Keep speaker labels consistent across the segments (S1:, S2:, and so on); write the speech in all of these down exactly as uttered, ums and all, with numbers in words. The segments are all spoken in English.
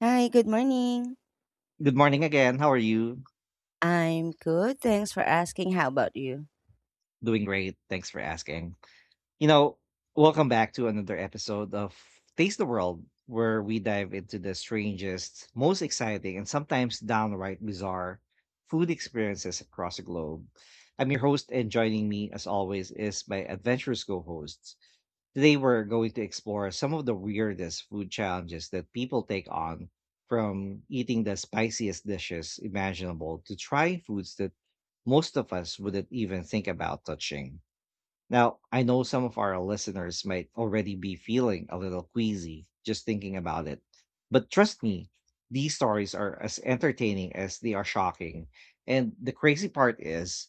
S1: Hi, good morning.
S2: Good morning again. How are you?
S1: I'm good. Thanks for asking. How about you?
S2: Doing great. Thanks for asking. You know, welcome back to another episode of Taste the World, where we dive into the strangest, most exciting, and sometimes downright bizarre food experiences across the globe. I'm your host, and joining me, as always, is my adventurous co hosts. Today, we're going to explore some of the weirdest food challenges that people take on, from eating the spiciest dishes imaginable to trying foods that most of us wouldn't even think about touching. Now, I know some of our listeners might already be feeling a little queasy just thinking about it, but trust me, these stories are as entertaining as they are shocking. And the crazy part is,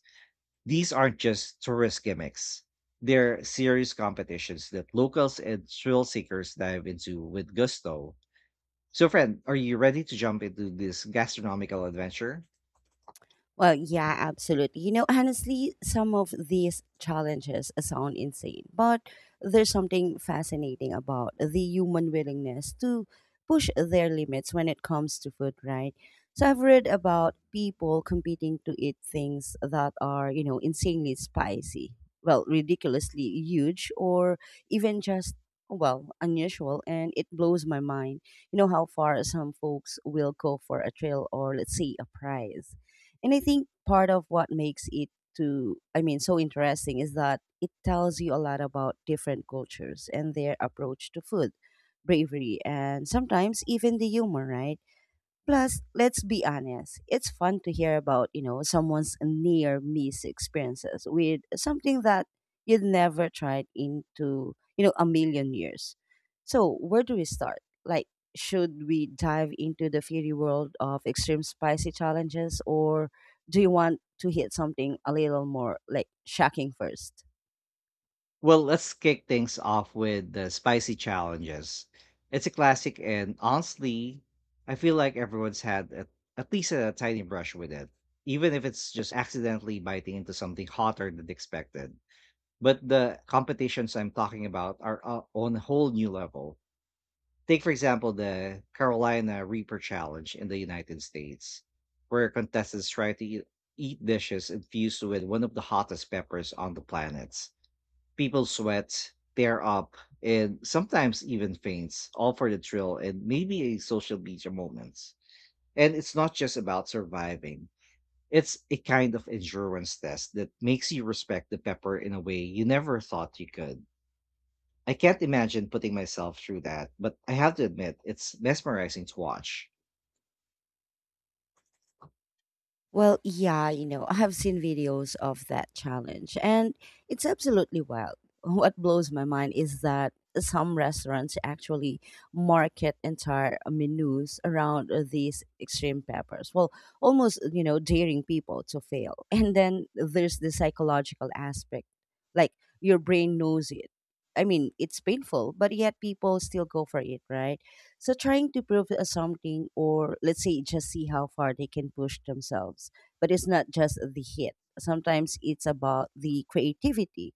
S2: these aren't just tourist gimmicks. They're serious competitions that locals and thrill seekers dive into with gusto. So, friend, are you ready to jump into this gastronomical adventure?
S1: Well, yeah, absolutely. You know, honestly, some of these challenges sound insane, but there's something fascinating about the human willingness to push their limits when it comes to food, right? So I've read about people competing to eat things that are, you know, insanely spicy, well, ridiculously huge, or even just well, unusual, and it blows my mind. You know how far some folks will go for a thrill or, let's say, a prize. And I think part of what makes it to I mean so interesting is that it tells you a lot about different cultures and their approach to food, bravery, and sometimes even the humor, right? Plus, let's be honest, it's fun to hear about, you know, someone's near miss experiences with something that you'd never tried into, you know, a million years. So, where do we start? Like, should we dive into the fairy world of extreme spicy challenges or do you want to hit something a little more like shocking first?
S2: Well, let's kick things off with the spicy challenges. It's a classic, and honestly, I feel like everyone's had at, at least a tiny brush with it, even if it's just accidentally biting into something hotter than expected. But the competitions I'm talking about are uh, on a whole new level. Take, for example, the Carolina Reaper Challenge in the United States, where contestants try to eat, eat dishes infused with one of the hottest peppers on the planet. People sweat, tear up, and sometimes even faints, all for the thrill and maybe a social media moment. And it's not just about surviving. It's a kind of endurance test that makes you respect the pepper in a way you never thought you could. I can't imagine putting myself through that, but I have to admit, it's mesmerizing to watch.
S1: Well, yeah, you know, I have seen videos of that challenge and it's absolutely wild. What blows my mind is that some restaurants actually market entire menus around uh, these extreme peppers. Well, almost, you know, daring people to fail. And then there's the psychological aspect. Like your brain knows it. I mean, it's painful, but yet people still go for it, right? So trying to prove us something or let's say just see how far they can push themselves. But it's not just the hit. Sometimes it's about the creativity.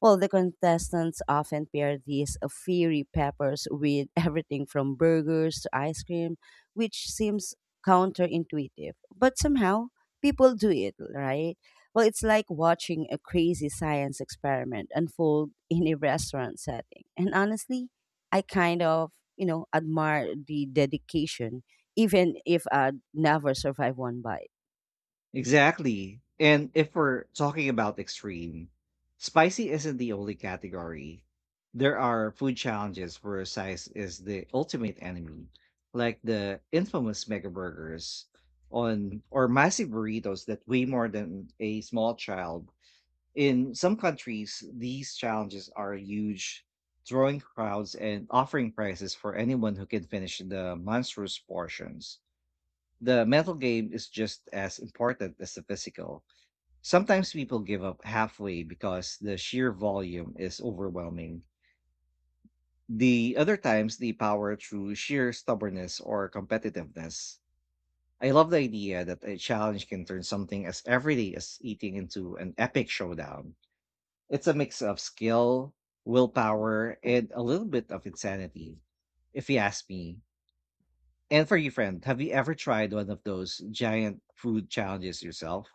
S1: Well, the contestants often pair these uh, fiery peppers with everything from burgers to ice cream, which seems counterintuitive. But somehow, people do it, right? Well, it's like watching a crazy science experiment unfold in a restaurant setting. And honestly, I kind of, you know, admire the dedication, even if I'd never survive one bite.
S2: Exactly. And if we're talking about extreme, spicy isn't the only category. There are food challenges where size is the ultimate enemy, like the infamous mega burgers on, or massive burritos that weigh more than a small child. In some countries, these challenges are huge, drawing crowds and offering prizes for anyone who can finish the monstrous portions. The mental game is just as important as the physical. Sometimes people give up halfway because the sheer volume is overwhelming. The other times they power through sheer stubbornness or competitiveness. I love the idea that a challenge can turn something as everyday as eating into an epic showdown. It's a mix of skill, willpower, and a little bit of insanity, if you ask me. And for you, friend, have you ever tried one of those giant food challenges yourself?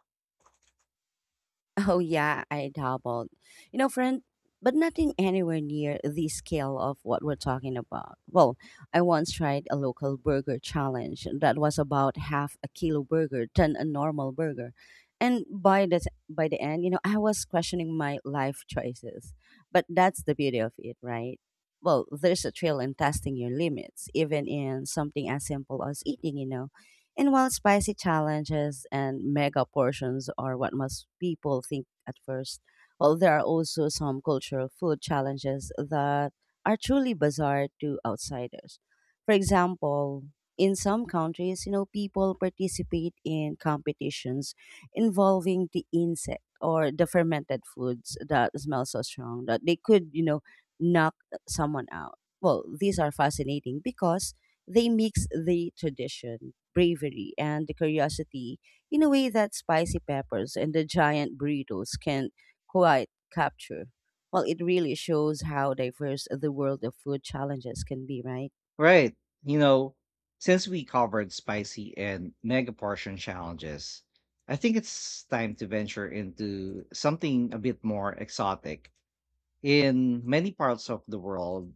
S1: Oh yeah, I doubled. You know, friend, but nothing anywhere near the scale of what we're talking about. Well, I once tried a local burger challenge that was about half a kilo burger than a normal burger. And by the t- by the end, you know, I was questioning my life choices. But that's the beauty of it, right? Well, there's a thrill in testing your limits, even in something as simple as eating, you know. And while spicy challenges and mega portions are what most people think at first, well, there are also some cultural food challenges that are truly bizarre to outsiders. For example, in some countries, you know, people participate in competitions involving the insect or the fermented foods that smell so strong that they could, you know, knock someone out. Well, these are fascinating because they mix the tradition, bravery, and the curiosity in a way that spicy peppers and the giant burritos can't quite capture. Well, it really shows how diverse the world of food challenges can be, right?
S2: Right. You know, since we covered spicy and mega portion challenges, I think it's time to venture into something a bit more exotic. In many parts of the world,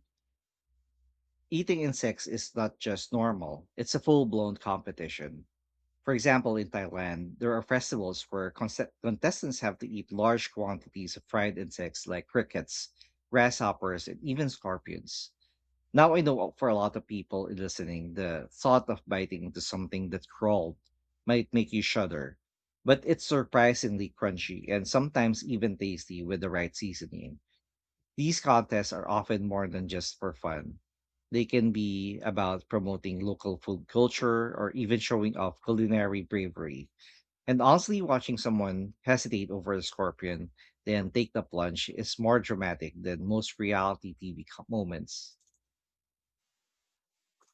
S2: eating insects is not just normal, it's a full blown competition. For example, in Thailand, there are festivals where conse- contestants have to eat large quantities of fried insects like crickets, grasshoppers, and even scorpions. Now I know, uh, for a lot of people listening, the thought of biting into something that crawled might make you shudder, but it's surprisingly crunchy and sometimes even tasty with the right seasoning. These contests are often more than just for fun. They can be about promoting local food culture or even showing off culinary bravery. And honestly, watching someone hesitate over a scorpion, then take the plunge is more dramatic than most reality T V co- moments.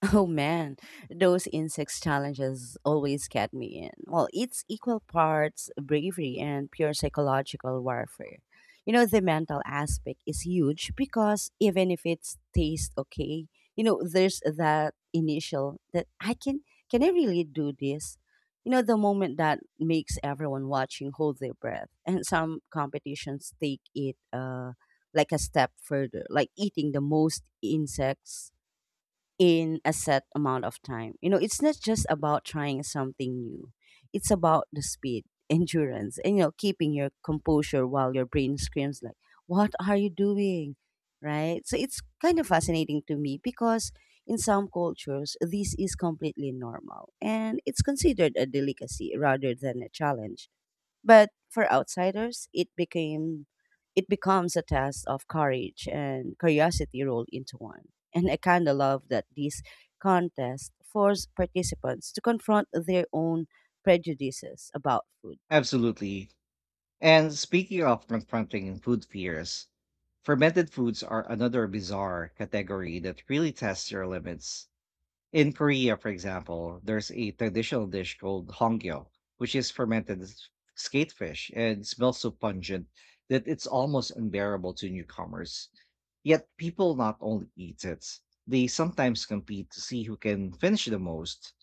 S1: Oh man, those insects challenges always get me in. Well, it's equal parts bravery and pure psychological warfare. You know, the mental aspect is huge because even if it's taste okay, you know, there's that initial that I can can I really do this? You know, the moment that makes everyone watching hold their breath. And some competitions take it uh like a step further, like eating the most insects in a set amount of time. You know, it's not just about trying something new. It's about the speed, endurance, and you know, keeping your composure while your brain screams like, "What are you doing?" Right? So it's kind of fascinating to me because in some cultures this is completely normal and it's considered a delicacy rather than a challenge. But for outsiders, it became it becomes a test of courage and curiosity rolled into one. And I kind of love that these contests force participants to confront their own prejudices about food.
S2: Absolutely. And speaking of confronting food fears, fermented foods are another bizarre category that really tests your limits. In Korea, for example, there's a traditional dish called hongyo, which is fermented s- skatefish, and smells so pungent that it's almost unbearable to newcomers. Yet people not only eat it, they sometimes compete to see who can finish the most.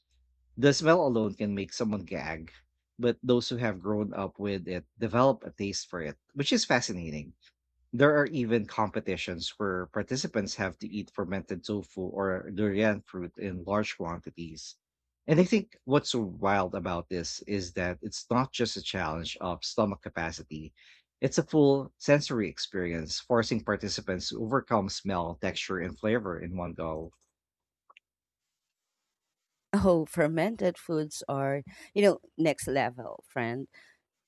S2: The smell alone can make someone gag, but those who have grown up with it develop a taste for it, which is fascinating. There are even competitions where participants have to eat fermented tofu or durian fruit in large quantities. And I think what's so wild about this is that it's not just a challenge of stomach capacity. It's a full sensory experience, forcing participants to overcome smell, texture, and flavor in one go.
S1: Oh, fermented foods are, you know, next level, friend.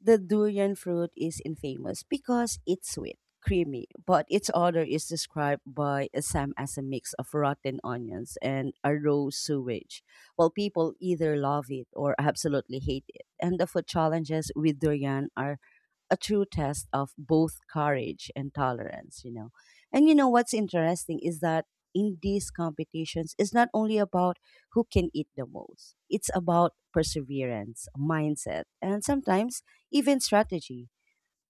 S1: The durian fruit is infamous because it's sweet, creamy, but its odor is described by some as a mix of rotten onions and a raw sewage. While people either love it or absolutely hate it, and the food challenges with durian are a true test of both courage and tolerance, you know. And you know what's interesting is that in these competitions it's not only about who can eat the most. It's about perseverance, mindset, and sometimes even strategy.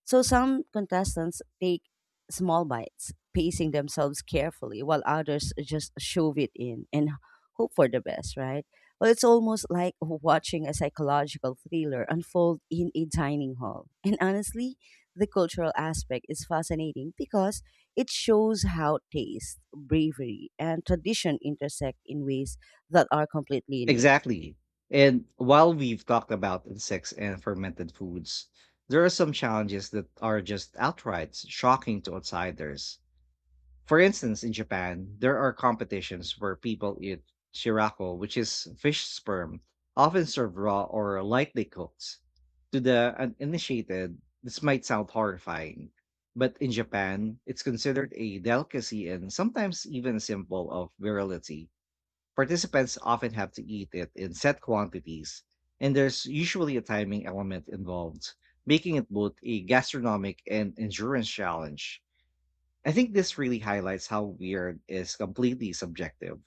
S1: So some contestants take small bites, pacing themselves carefully, while others just shove it in and hope for the best, right? Well, it's almost like watching a psychological thriller unfold in a dining hall. And honestly, the cultural aspect is fascinating because it shows how taste, bravery, and tradition intersect in ways that are completely unique.
S2: Exactly. And while we've talked about insects and fermented foods, there are some challenges that are just outright shocking to outsiders. For instance, in Japan, there are competitions where people eat shirako, which is fish sperm, often served raw or lightly cooked. To the uninitiated, this might sound horrifying, but in Japan, it's considered a delicacy and sometimes even a symbol of virility. Participants often have to eat it in set quantities, and there's usually a timing element involved, making it both a gastronomic and endurance challenge. I think this really highlights how weird is completely subjective.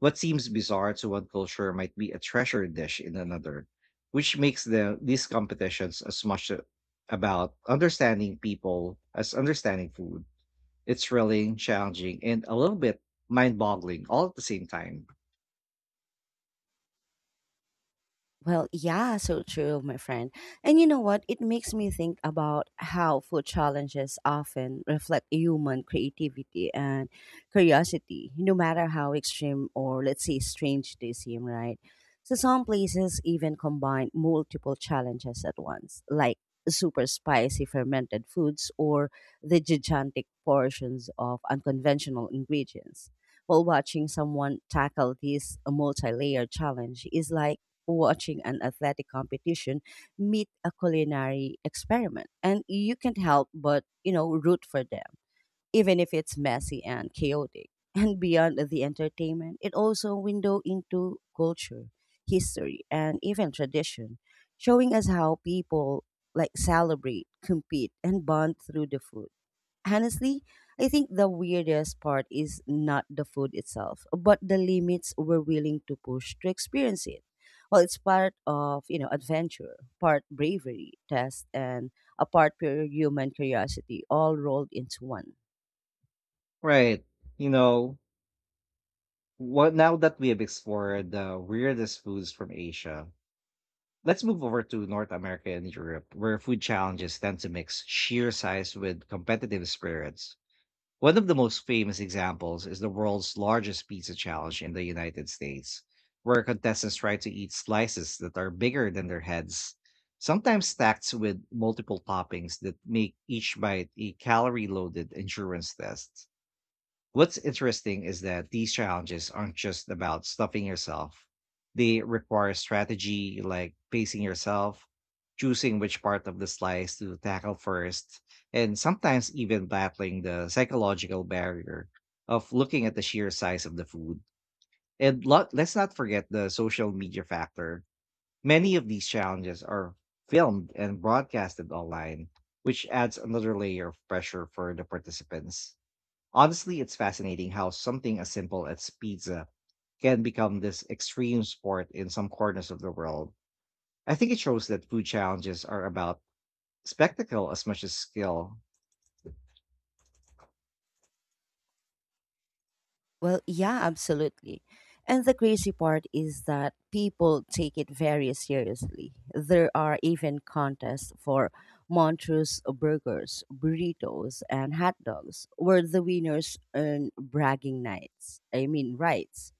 S2: What seems bizarre to one culture might be a treasure dish in another, which makes the, these competitions as much a- about understanding people as understanding food. It's thrilling, challenging, and a little bit mind boggling all at the same time.
S1: Well, yeah, so true, my friend. And you know what? It makes me think about how food challenges often reflect human creativity and curiosity, no matter how extreme or, let's say, strange they seem, right? So, some places even combine multiple challenges at once, like super spicy fermented foods or the gigantic portions of unconventional ingredients. While watching someone tackle this multi layer challenge is like watching an athletic competition meet a culinary experiment. And you can't help but, you know, root for them, even if it's messy and chaotic. And beyond the entertainment, it also window into culture, history, and even tradition, showing us how people like celebrate, compete, and bond through the food. Honestly, I think the weirdest part is not the food itself, but the limits we're willing to push to experience it. Well, it's part of, you know, adventure, part bravery, test, and a part pure human curiosity all rolled into one.
S2: Right. You know what, now that we have explored the weirdest foods from Asia, let's move over to North America and Europe, where food challenges tend to mix sheer size with competitive spirits. One of the most famous examples is the world's largest pizza challenge in the United States, where contestants try to eat slices that are bigger than their heads, sometimes stacked with multiple toppings that make each bite a calorie loaded endurance test. What's interesting is that these challenges aren't just about stuffing yourself. They require strategy, like pacing yourself, choosing which part of the slice to tackle first, and sometimes even battling the psychological barrier of looking at the sheer size of the food. And lo- let's not forget the social media factor. Many of these challenges are filmed and broadcasted online, which adds another layer of pressure for the participants. Honestly, it's fascinating how something as simple as pizza can become this extreme sport in some corners of the world. I think it shows that food challenges are about spectacle as much as skill.
S1: Well, yeah, absolutely. And the crazy part is that people take it very seriously. There are even contests for Montrose burgers, burritos, and hot dogs, where the winners earn bragging nights. I mean, rights,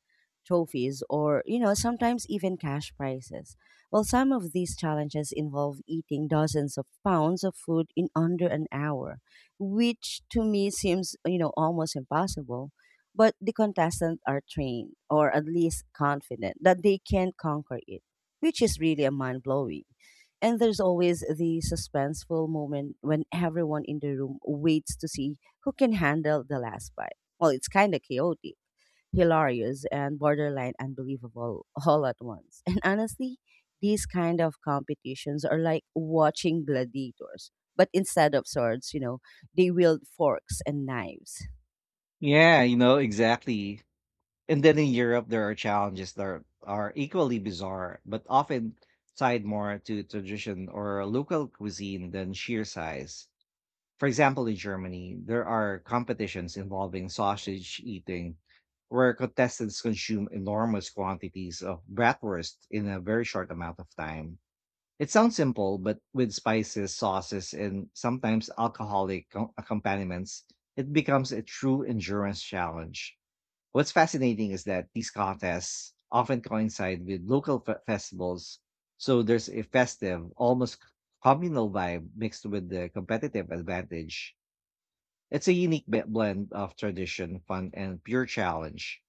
S1: trophies, or you know sometimes even cash prizes. Well, some of these challenges involve eating dozens of pounds of food in under an hour, which to me seems you know almost impossible, but the contestants are trained or at least confident that they can conquer it, which is really a mind blowing. And there's always the suspenseful moment when everyone in the room waits to see who can handle the last bite. Well, it's kind of chaotic, hilarious, and borderline unbelievable all at once. And honestly, these kind of competitions are like watching gladiators, but instead of swords, you know, they wield forks and knives.
S2: Yeah, you know, exactly. And then in Europe, there are challenges that are, are equally bizarre, but often tied more to tradition or local cuisine than sheer size. For example, in Germany, there are competitions involving sausage eating, where contestants consume enormous quantities of bratwurst in a very short amount of time. It sounds simple, but with spices, sauces, and sometimes alcoholic co- accompaniments, it becomes a true endurance challenge. What's fascinating is that these contests often coincide with local fe- festivals, so there's a festive, almost communal vibe mixed with the competitive advantage. It's a unique be- blend of tradition, fun, and pure challenge.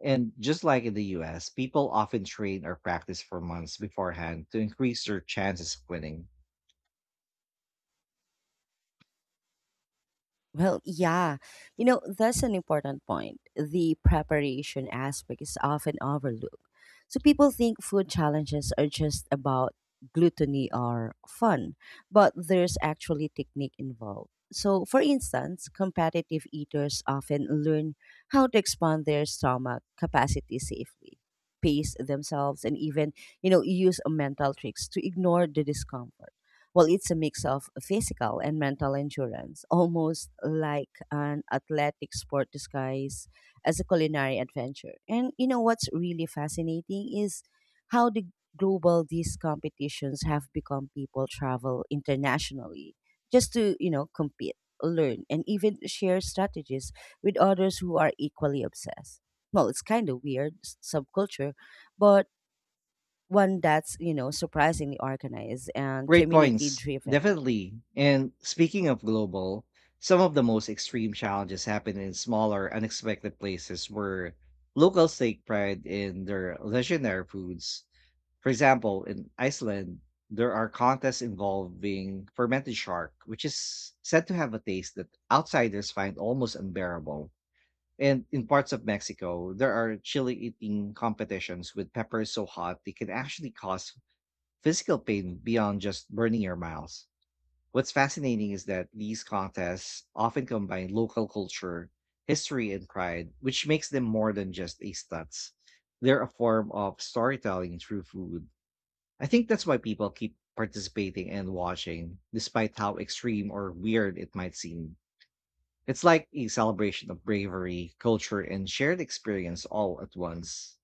S2: And just like in the U S, people often train or practice for months beforehand to increase their chances of winning.
S1: Well, yeah. You know, that's an important point. The preparation aspect is often overlooked. So people think food challenges are just about gluttony or fun, but there's actually technique involved. So, for instance, competitive eaters often learn how to expand their stomach capacity safely, pace themselves, and even, you know, use mental tricks to ignore the discomfort. Well, it's a mix of physical and mental endurance, almost like an athletic sport disguised as a culinary adventure. And you know what's really fascinating is how the global these competitions have become. People travel internationally just to, you know, compete, learn, and even share strategies with others who are equally obsessed. Well, it's kind of weird s- subculture, but one that's you know surprisingly organized and
S2: Great
S1: community
S2: points,
S1: driven.
S2: definitely. And speaking of global, some of the most extreme challenges happen in smaller, unexpected places, where locals take pride in their legendary foods. For example, in Iceland, there are contests involving fermented shark, which is said to have a taste that outsiders find almost unbearable. And in parts of Mexico, there are chili eating competitions with peppers so hot they can actually cause physical pain beyond just burning your mouth. What's fascinating is that these contests often combine local culture, history, and pride, which makes them more than just a stunts. They're a form of storytelling through food. I think that's why people keep participating and watching, despite how extreme or weird it might seem. It's like a celebration of bravery, culture, and shared experience all at once.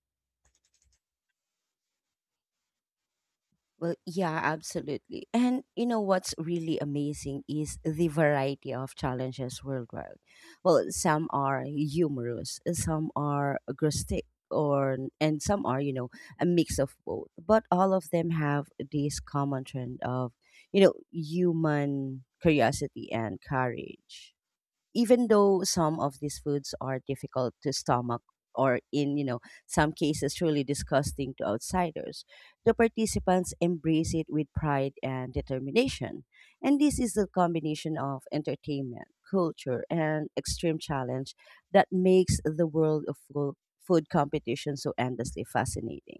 S1: Well yeah absolutely, and you know what's really amazing is the variety of challenges worldwide. Well, some are humorous, some are agnostic or, and some are you know a mix of both, but all of them have this common trend of you know human curiosity and courage. Even though some of these foods are difficult to stomach or in you know some cases truly disgusting to outsiders, the participants embrace it with pride and determination. And this is the combination of entertainment, culture, and extreme challenge that makes the world of fo- food competition so endlessly fascinating.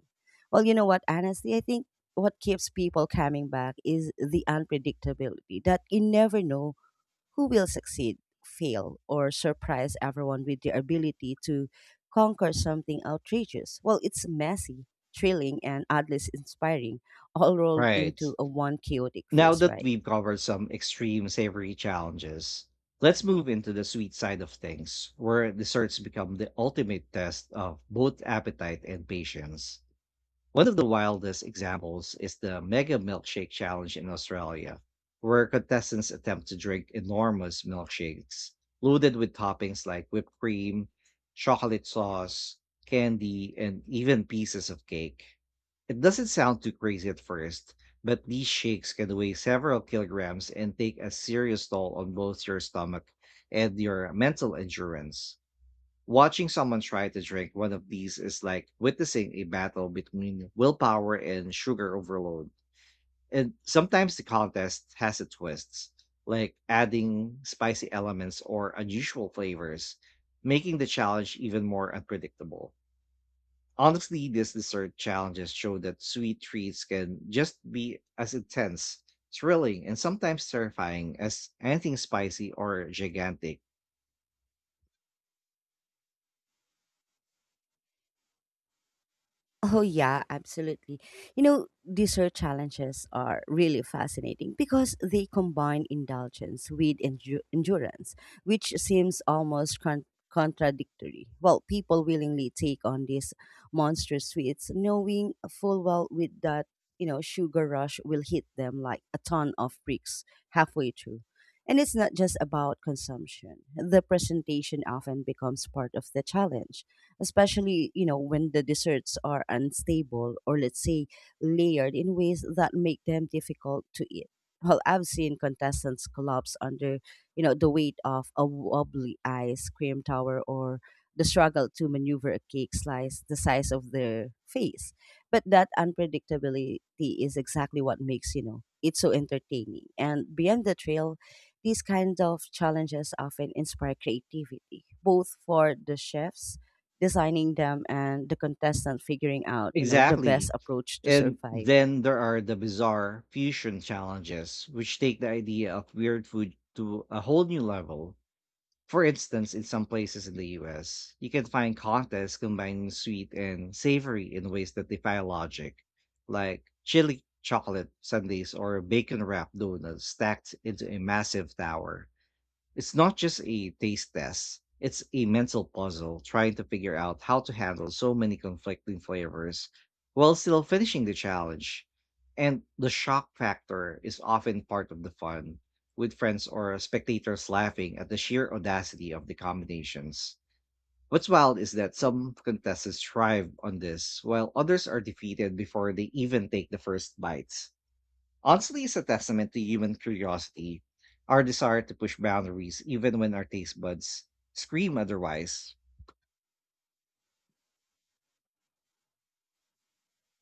S1: Well, you know what, honestly I think what keeps people coming back is the unpredictability, that you never know who will succeed, fail, or surprise everyone with their ability to conquer something outrageous. Well, it's messy, thrilling, and oddly inspiring, all rolled
S2: Right.
S1: into a one chaotic
S2: Now
S1: feast,
S2: that
S1: right?
S2: we've covered some extreme savory challenges, let's move into the sweet side of things, where desserts become the ultimate test of both appetite and patience. One of the wildest examples is the Mega Milkshake Challenge in Australia, where contestants attempt to drink enormous milkshakes loaded with toppings like whipped cream, chocolate sauce, candy, and even pieces of cake. It doesn't sound too crazy at first, but these shakes can weigh several kilograms and take a serious toll on both your stomach and your mental endurance. Watching someone try to drink one of these is like witnessing a battle between willpower and sugar overload. And sometimes the contest has its twists, like adding spicy elements or unusual flavors, making the challenge even more unpredictable. Honestly, these dessert challenges show that sweet treats can just be as intense, thrilling, and sometimes terrifying as anything spicy or gigantic.
S1: Oh yeah, absolutely. You know, dessert challenges are really fascinating because they combine indulgence with endu- endurance, which seems almost con- contradictory. Well, people willingly take on these monster sweets, knowing full well with that you know sugar rush will hit them like a ton of bricks halfway through. And it's not just about consumption. The presentation often becomes part of the challenge, especially you know when the desserts are unstable or let's say layered in ways that make them difficult to eat. Well, I've seen contestants collapse under you know the weight of a wobbly ice cream tower or the struggle to maneuver a cake slice the size of their face. But that unpredictability is exactly what makes, you know, it so entertaining. And beyond the trail, these kinds of challenges often inspire creativity, both for the chefs designing them and the contestant figuring out you know the best
S2: Exactly.
S1: approach to
S2: And
S1: survive
S2: then there are the bizarre fusion challenges, which take the idea of weird food to a whole new level. For instance, in some places in the U S, you can find contests combining sweet and savory in ways that defy logic, like chili chocolate sundaes or bacon wrapped donuts stacked into a massive tower. It's not just a taste test, it's a mental puzzle trying to figure out how to handle so many conflicting flavors while still finishing the challenge. And the shock factor is often part of the fun, with friends or spectators laughing at the sheer audacity of the combinations. What's wild is that some contestants thrive on this, while others are defeated before they even take the first bites. Honestly, it's a testament to human curiosity, our desire to push boundaries even when our taste buds scream otherwise.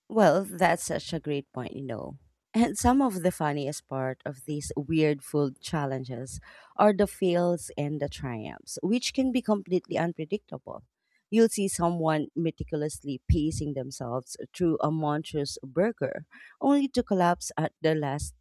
S1: well that's such a great point you know and some of the funniest part of these weird food challenges are the fails and the triumphs which can be completely unpredictable. You'll see someone meticulously pacing themselves through a monstrous burger only to collapse at the last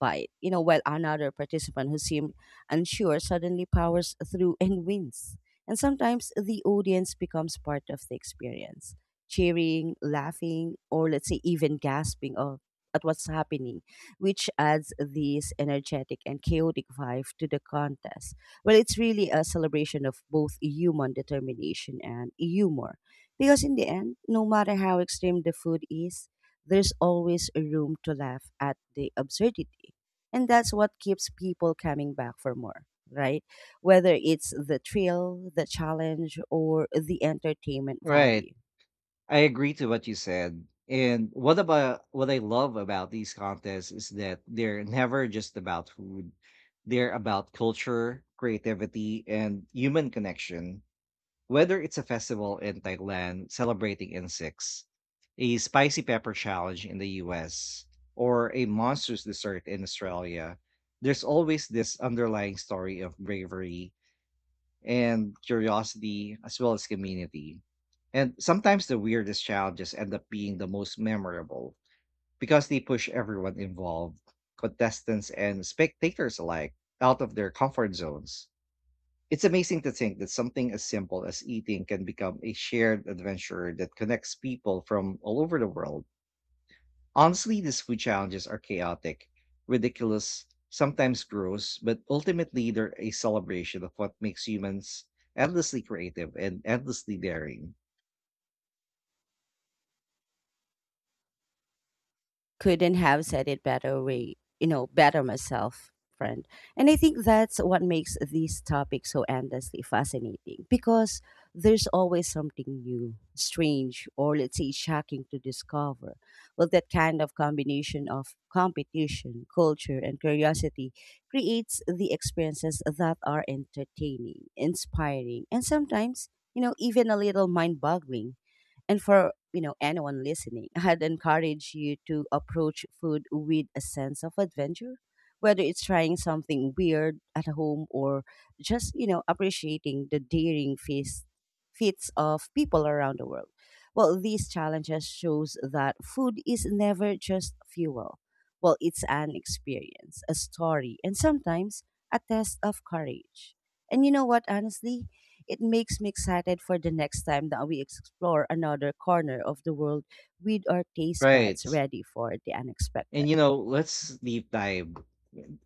S1: fight, you know, while another participant who seemed unsure suddenly powers through and wins. And sometimes the audience becomes part of the experience, cheering, laughing, or let's say even gasping of, at what's happening, which adds this energetic and chaotic vibe to the contest. Well, it's really a celebration of both human determination and humor. Because in the end, no matter how extreme the food is, there's always a room to laugh at the absurdity. And that's what keeps people coming back for more, right? Whether it's the thrill, the challenge, or the entertainment
S2: Right.
S1: value.
S2: I agree to what you said. And what about what I love about these contests is that they're never just about food. They're about culture, creativity, and human connection. Whether it's a festival in Thailand celebrating insects, a spicy pepper challenge in the U S, or a monstrous dessert in Australia, there's always this underlying story of bravery and curiosity as well as community. And sometimes the weirdest challenges end up being the most memorable because they push everyone involved, contestants and spectators alike, out of their comfort zones. It's amazing to think that something as simple as eating can become a shared adventure that connects people from all over the world. Honestly, these food challenges are chaotic, ridiculous, sometimes gross, but ultimately they're a celebration of what makes humans endlessly creative and endlessly daring.
S1: couldn't have said it better way you know better myself, friend. And i think that's what makes these topics so endlessly fascinating because there's always something new, strange, or let's say shocking to discover. Well that kind of combination of competition, culture, and curiosity creates the experiences that are entertaining, inspiring, and sometimes you know even a little mind-boggling. And for you know anyone listening, I'd encourage you to approach food with a sense of adventure, whether it's trying something weird at home or just you know appreciating the daring feast feats of people around the world. Well, these challenges shows that food is never just fuel. Well, it's an experience, a story, and sometimes a test of courage. And you know what, honestly? It makes me excited for the next time that we explore another corner of the world with our taste
S2: Right.
S1: buds ready for the unexpected.
S2: And you know, let's deep dive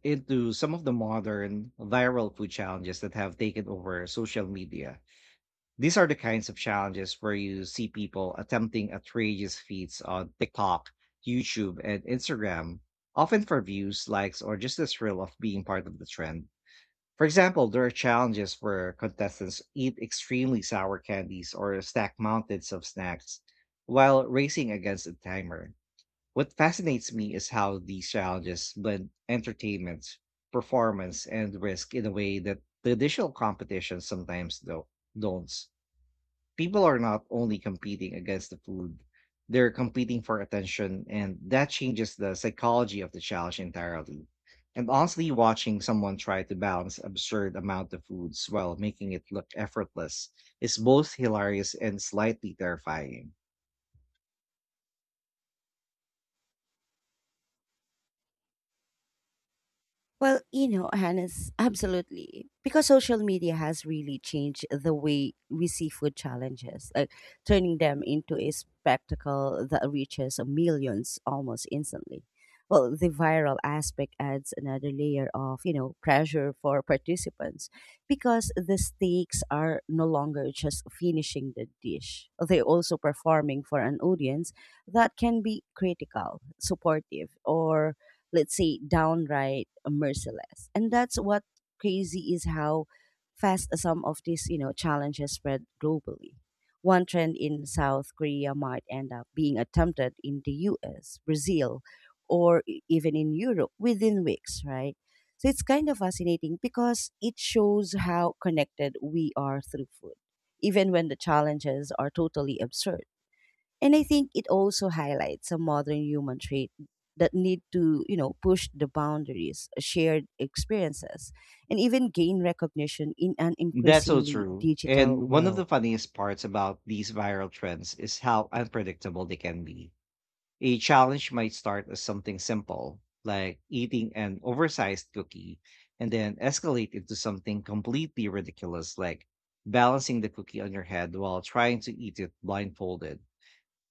S2: into some of the modern viral food challenges that have taken over social media. These are the kinds of challenges where you see people attempting outrageous feats on TikTok, YouTube, and Instagram, often for views, likes, or just the thrill of being part of the trend. For example, there are challenges where contestants eat extremely sour candies or stack mountains of snacks while racing against a timer. What fascinates me is how these challenges blend entertainment, performance, and risk in a way that traditional competitions sometimes do- don't. People are not only competing against the food, they're competing for attention, and that changes the psychology of the challenge entirely. And honestly, watching someone try to balance absurd amount of foods while making it look effortless is both hilarious and slightly terrifying.
S1: Well, you know, Hannes, absolutely. Because social media has really changed the way we see food challenges, like turning them into a spectacle that reaches millions almost instantly. Well, the viral aspect adds another layer of, you know, pressure for participants because the stakes are no longer just finishing the dish. They're also performing for an audience that can be critical, supportive, or let's say downright merciless, and that's what crazy is how fast some of these you know challenges spread globally. One trend in South Korea might end up being attempted in the U S, Brazil, or e- even in Europe within weeks, right? So it's kind of fascinating because it shows how connected we are through food, even when the challenges are totally absurd. And I think it also highlights a modern human trait, that need to, you know, push the boundaries, uh, shared experiences, and even gain recognition in an
S2: That's so
S1: increasingly
S2: true.
S1: digital
S2: And one of the
S1: world.
S2: funniest parts about these viral trends is how unpredictable they can be. A challenge might start as something simple, like eating an oversized cookie, and then escalate into something completely ridiculous, like balancing the cookie on your head while trying to eat it blindfolded.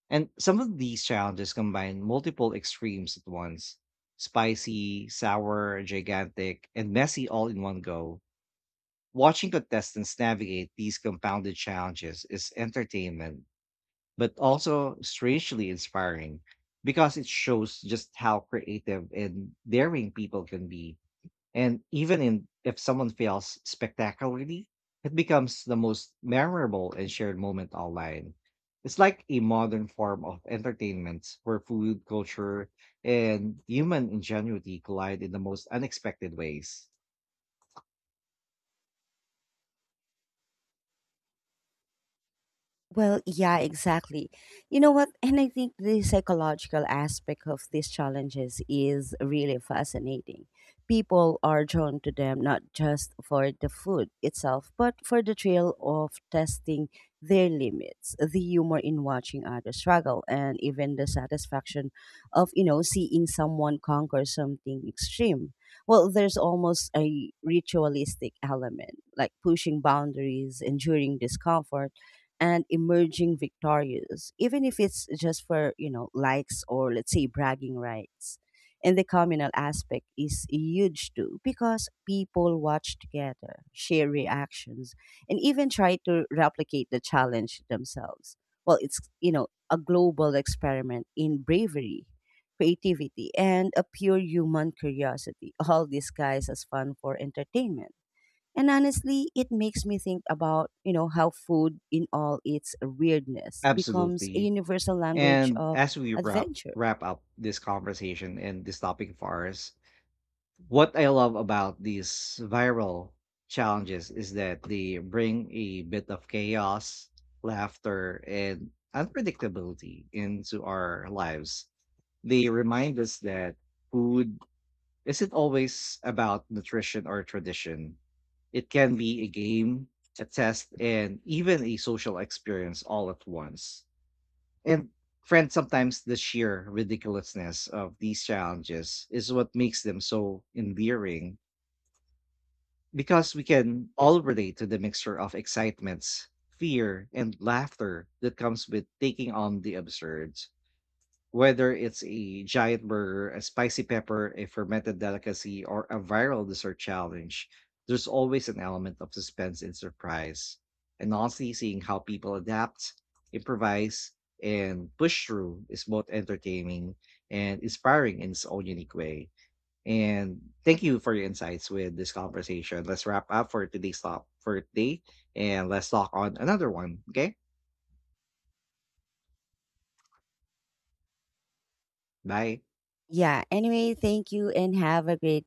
S2: And some of these challenges combine multiple extremes at once: spicy, sour, gigantic, and messy all in one go. Watching contestants navigate these compounded challenges is entertainment but also strangely inspiring because it shows just how creative and daring people can be. And even in, if someone fails spectacularly, it becomes the most memorable and shared moment online. It's like a modern form of entertainment where food, culture, and human ingenuity collide in the most unexpected ways.
S1: Well, yeah, exactly. You know what? And I think the psychological aspect of these challenges is really fascinating. People are drawn to them not just for the food itself, but for the thrill of testing their limits, the humor in watching others struggle, and even the satisfaction of, you know, seeing someone conquer something extreme. Well, there's almost a ritualistic element, like pushing boundaries, enduring discomfort, and emerging victorious, even if it's just for, you know, likes or let's say bragging rights. And the communal aspect is huge too because people watch together, share reactions, and even try to replicate the challenge themselves. Well, it's, you know, a global experiment in bravery, creativity, and a pure human curiosity, all disguised as fun for entertainment. And honestly, it makes me think about, you know, how food in all its weirdness becomes a
S2: Absolutely.
S1: universal language
S2: And
S1: of
S2: as we wrap
S1: adventure.
S2: wrap up this conversation and this topic for us, what I love about these viral challenges is that they bring a bit of chaos, laughter, and unpredictability into our lives. They remind us that food isn't always about nutrition or tradition. It can be a game, a test, and even a social experience all at once. And friends, sometimes the sheer ridiculousness of these challenges is what makes them so endearing because we can all relate to the mixture of excitements, fear, and laughter that comes with taking on the absurd. Whether it's a giant burger, a spicy pepper, a fermented delicacy, or a viral dessert challenge, there's always an element of suspense and surprise. And honestly, seeing how people adapt, improvise, and push through is both entertaining and inspiring in its own unique way. And thank you for your insights with this conversation. Let's wrap up for today's talk for today and let's talk on another one. Okay? Bye.
S1: Yeah, anyway, thank you and have a great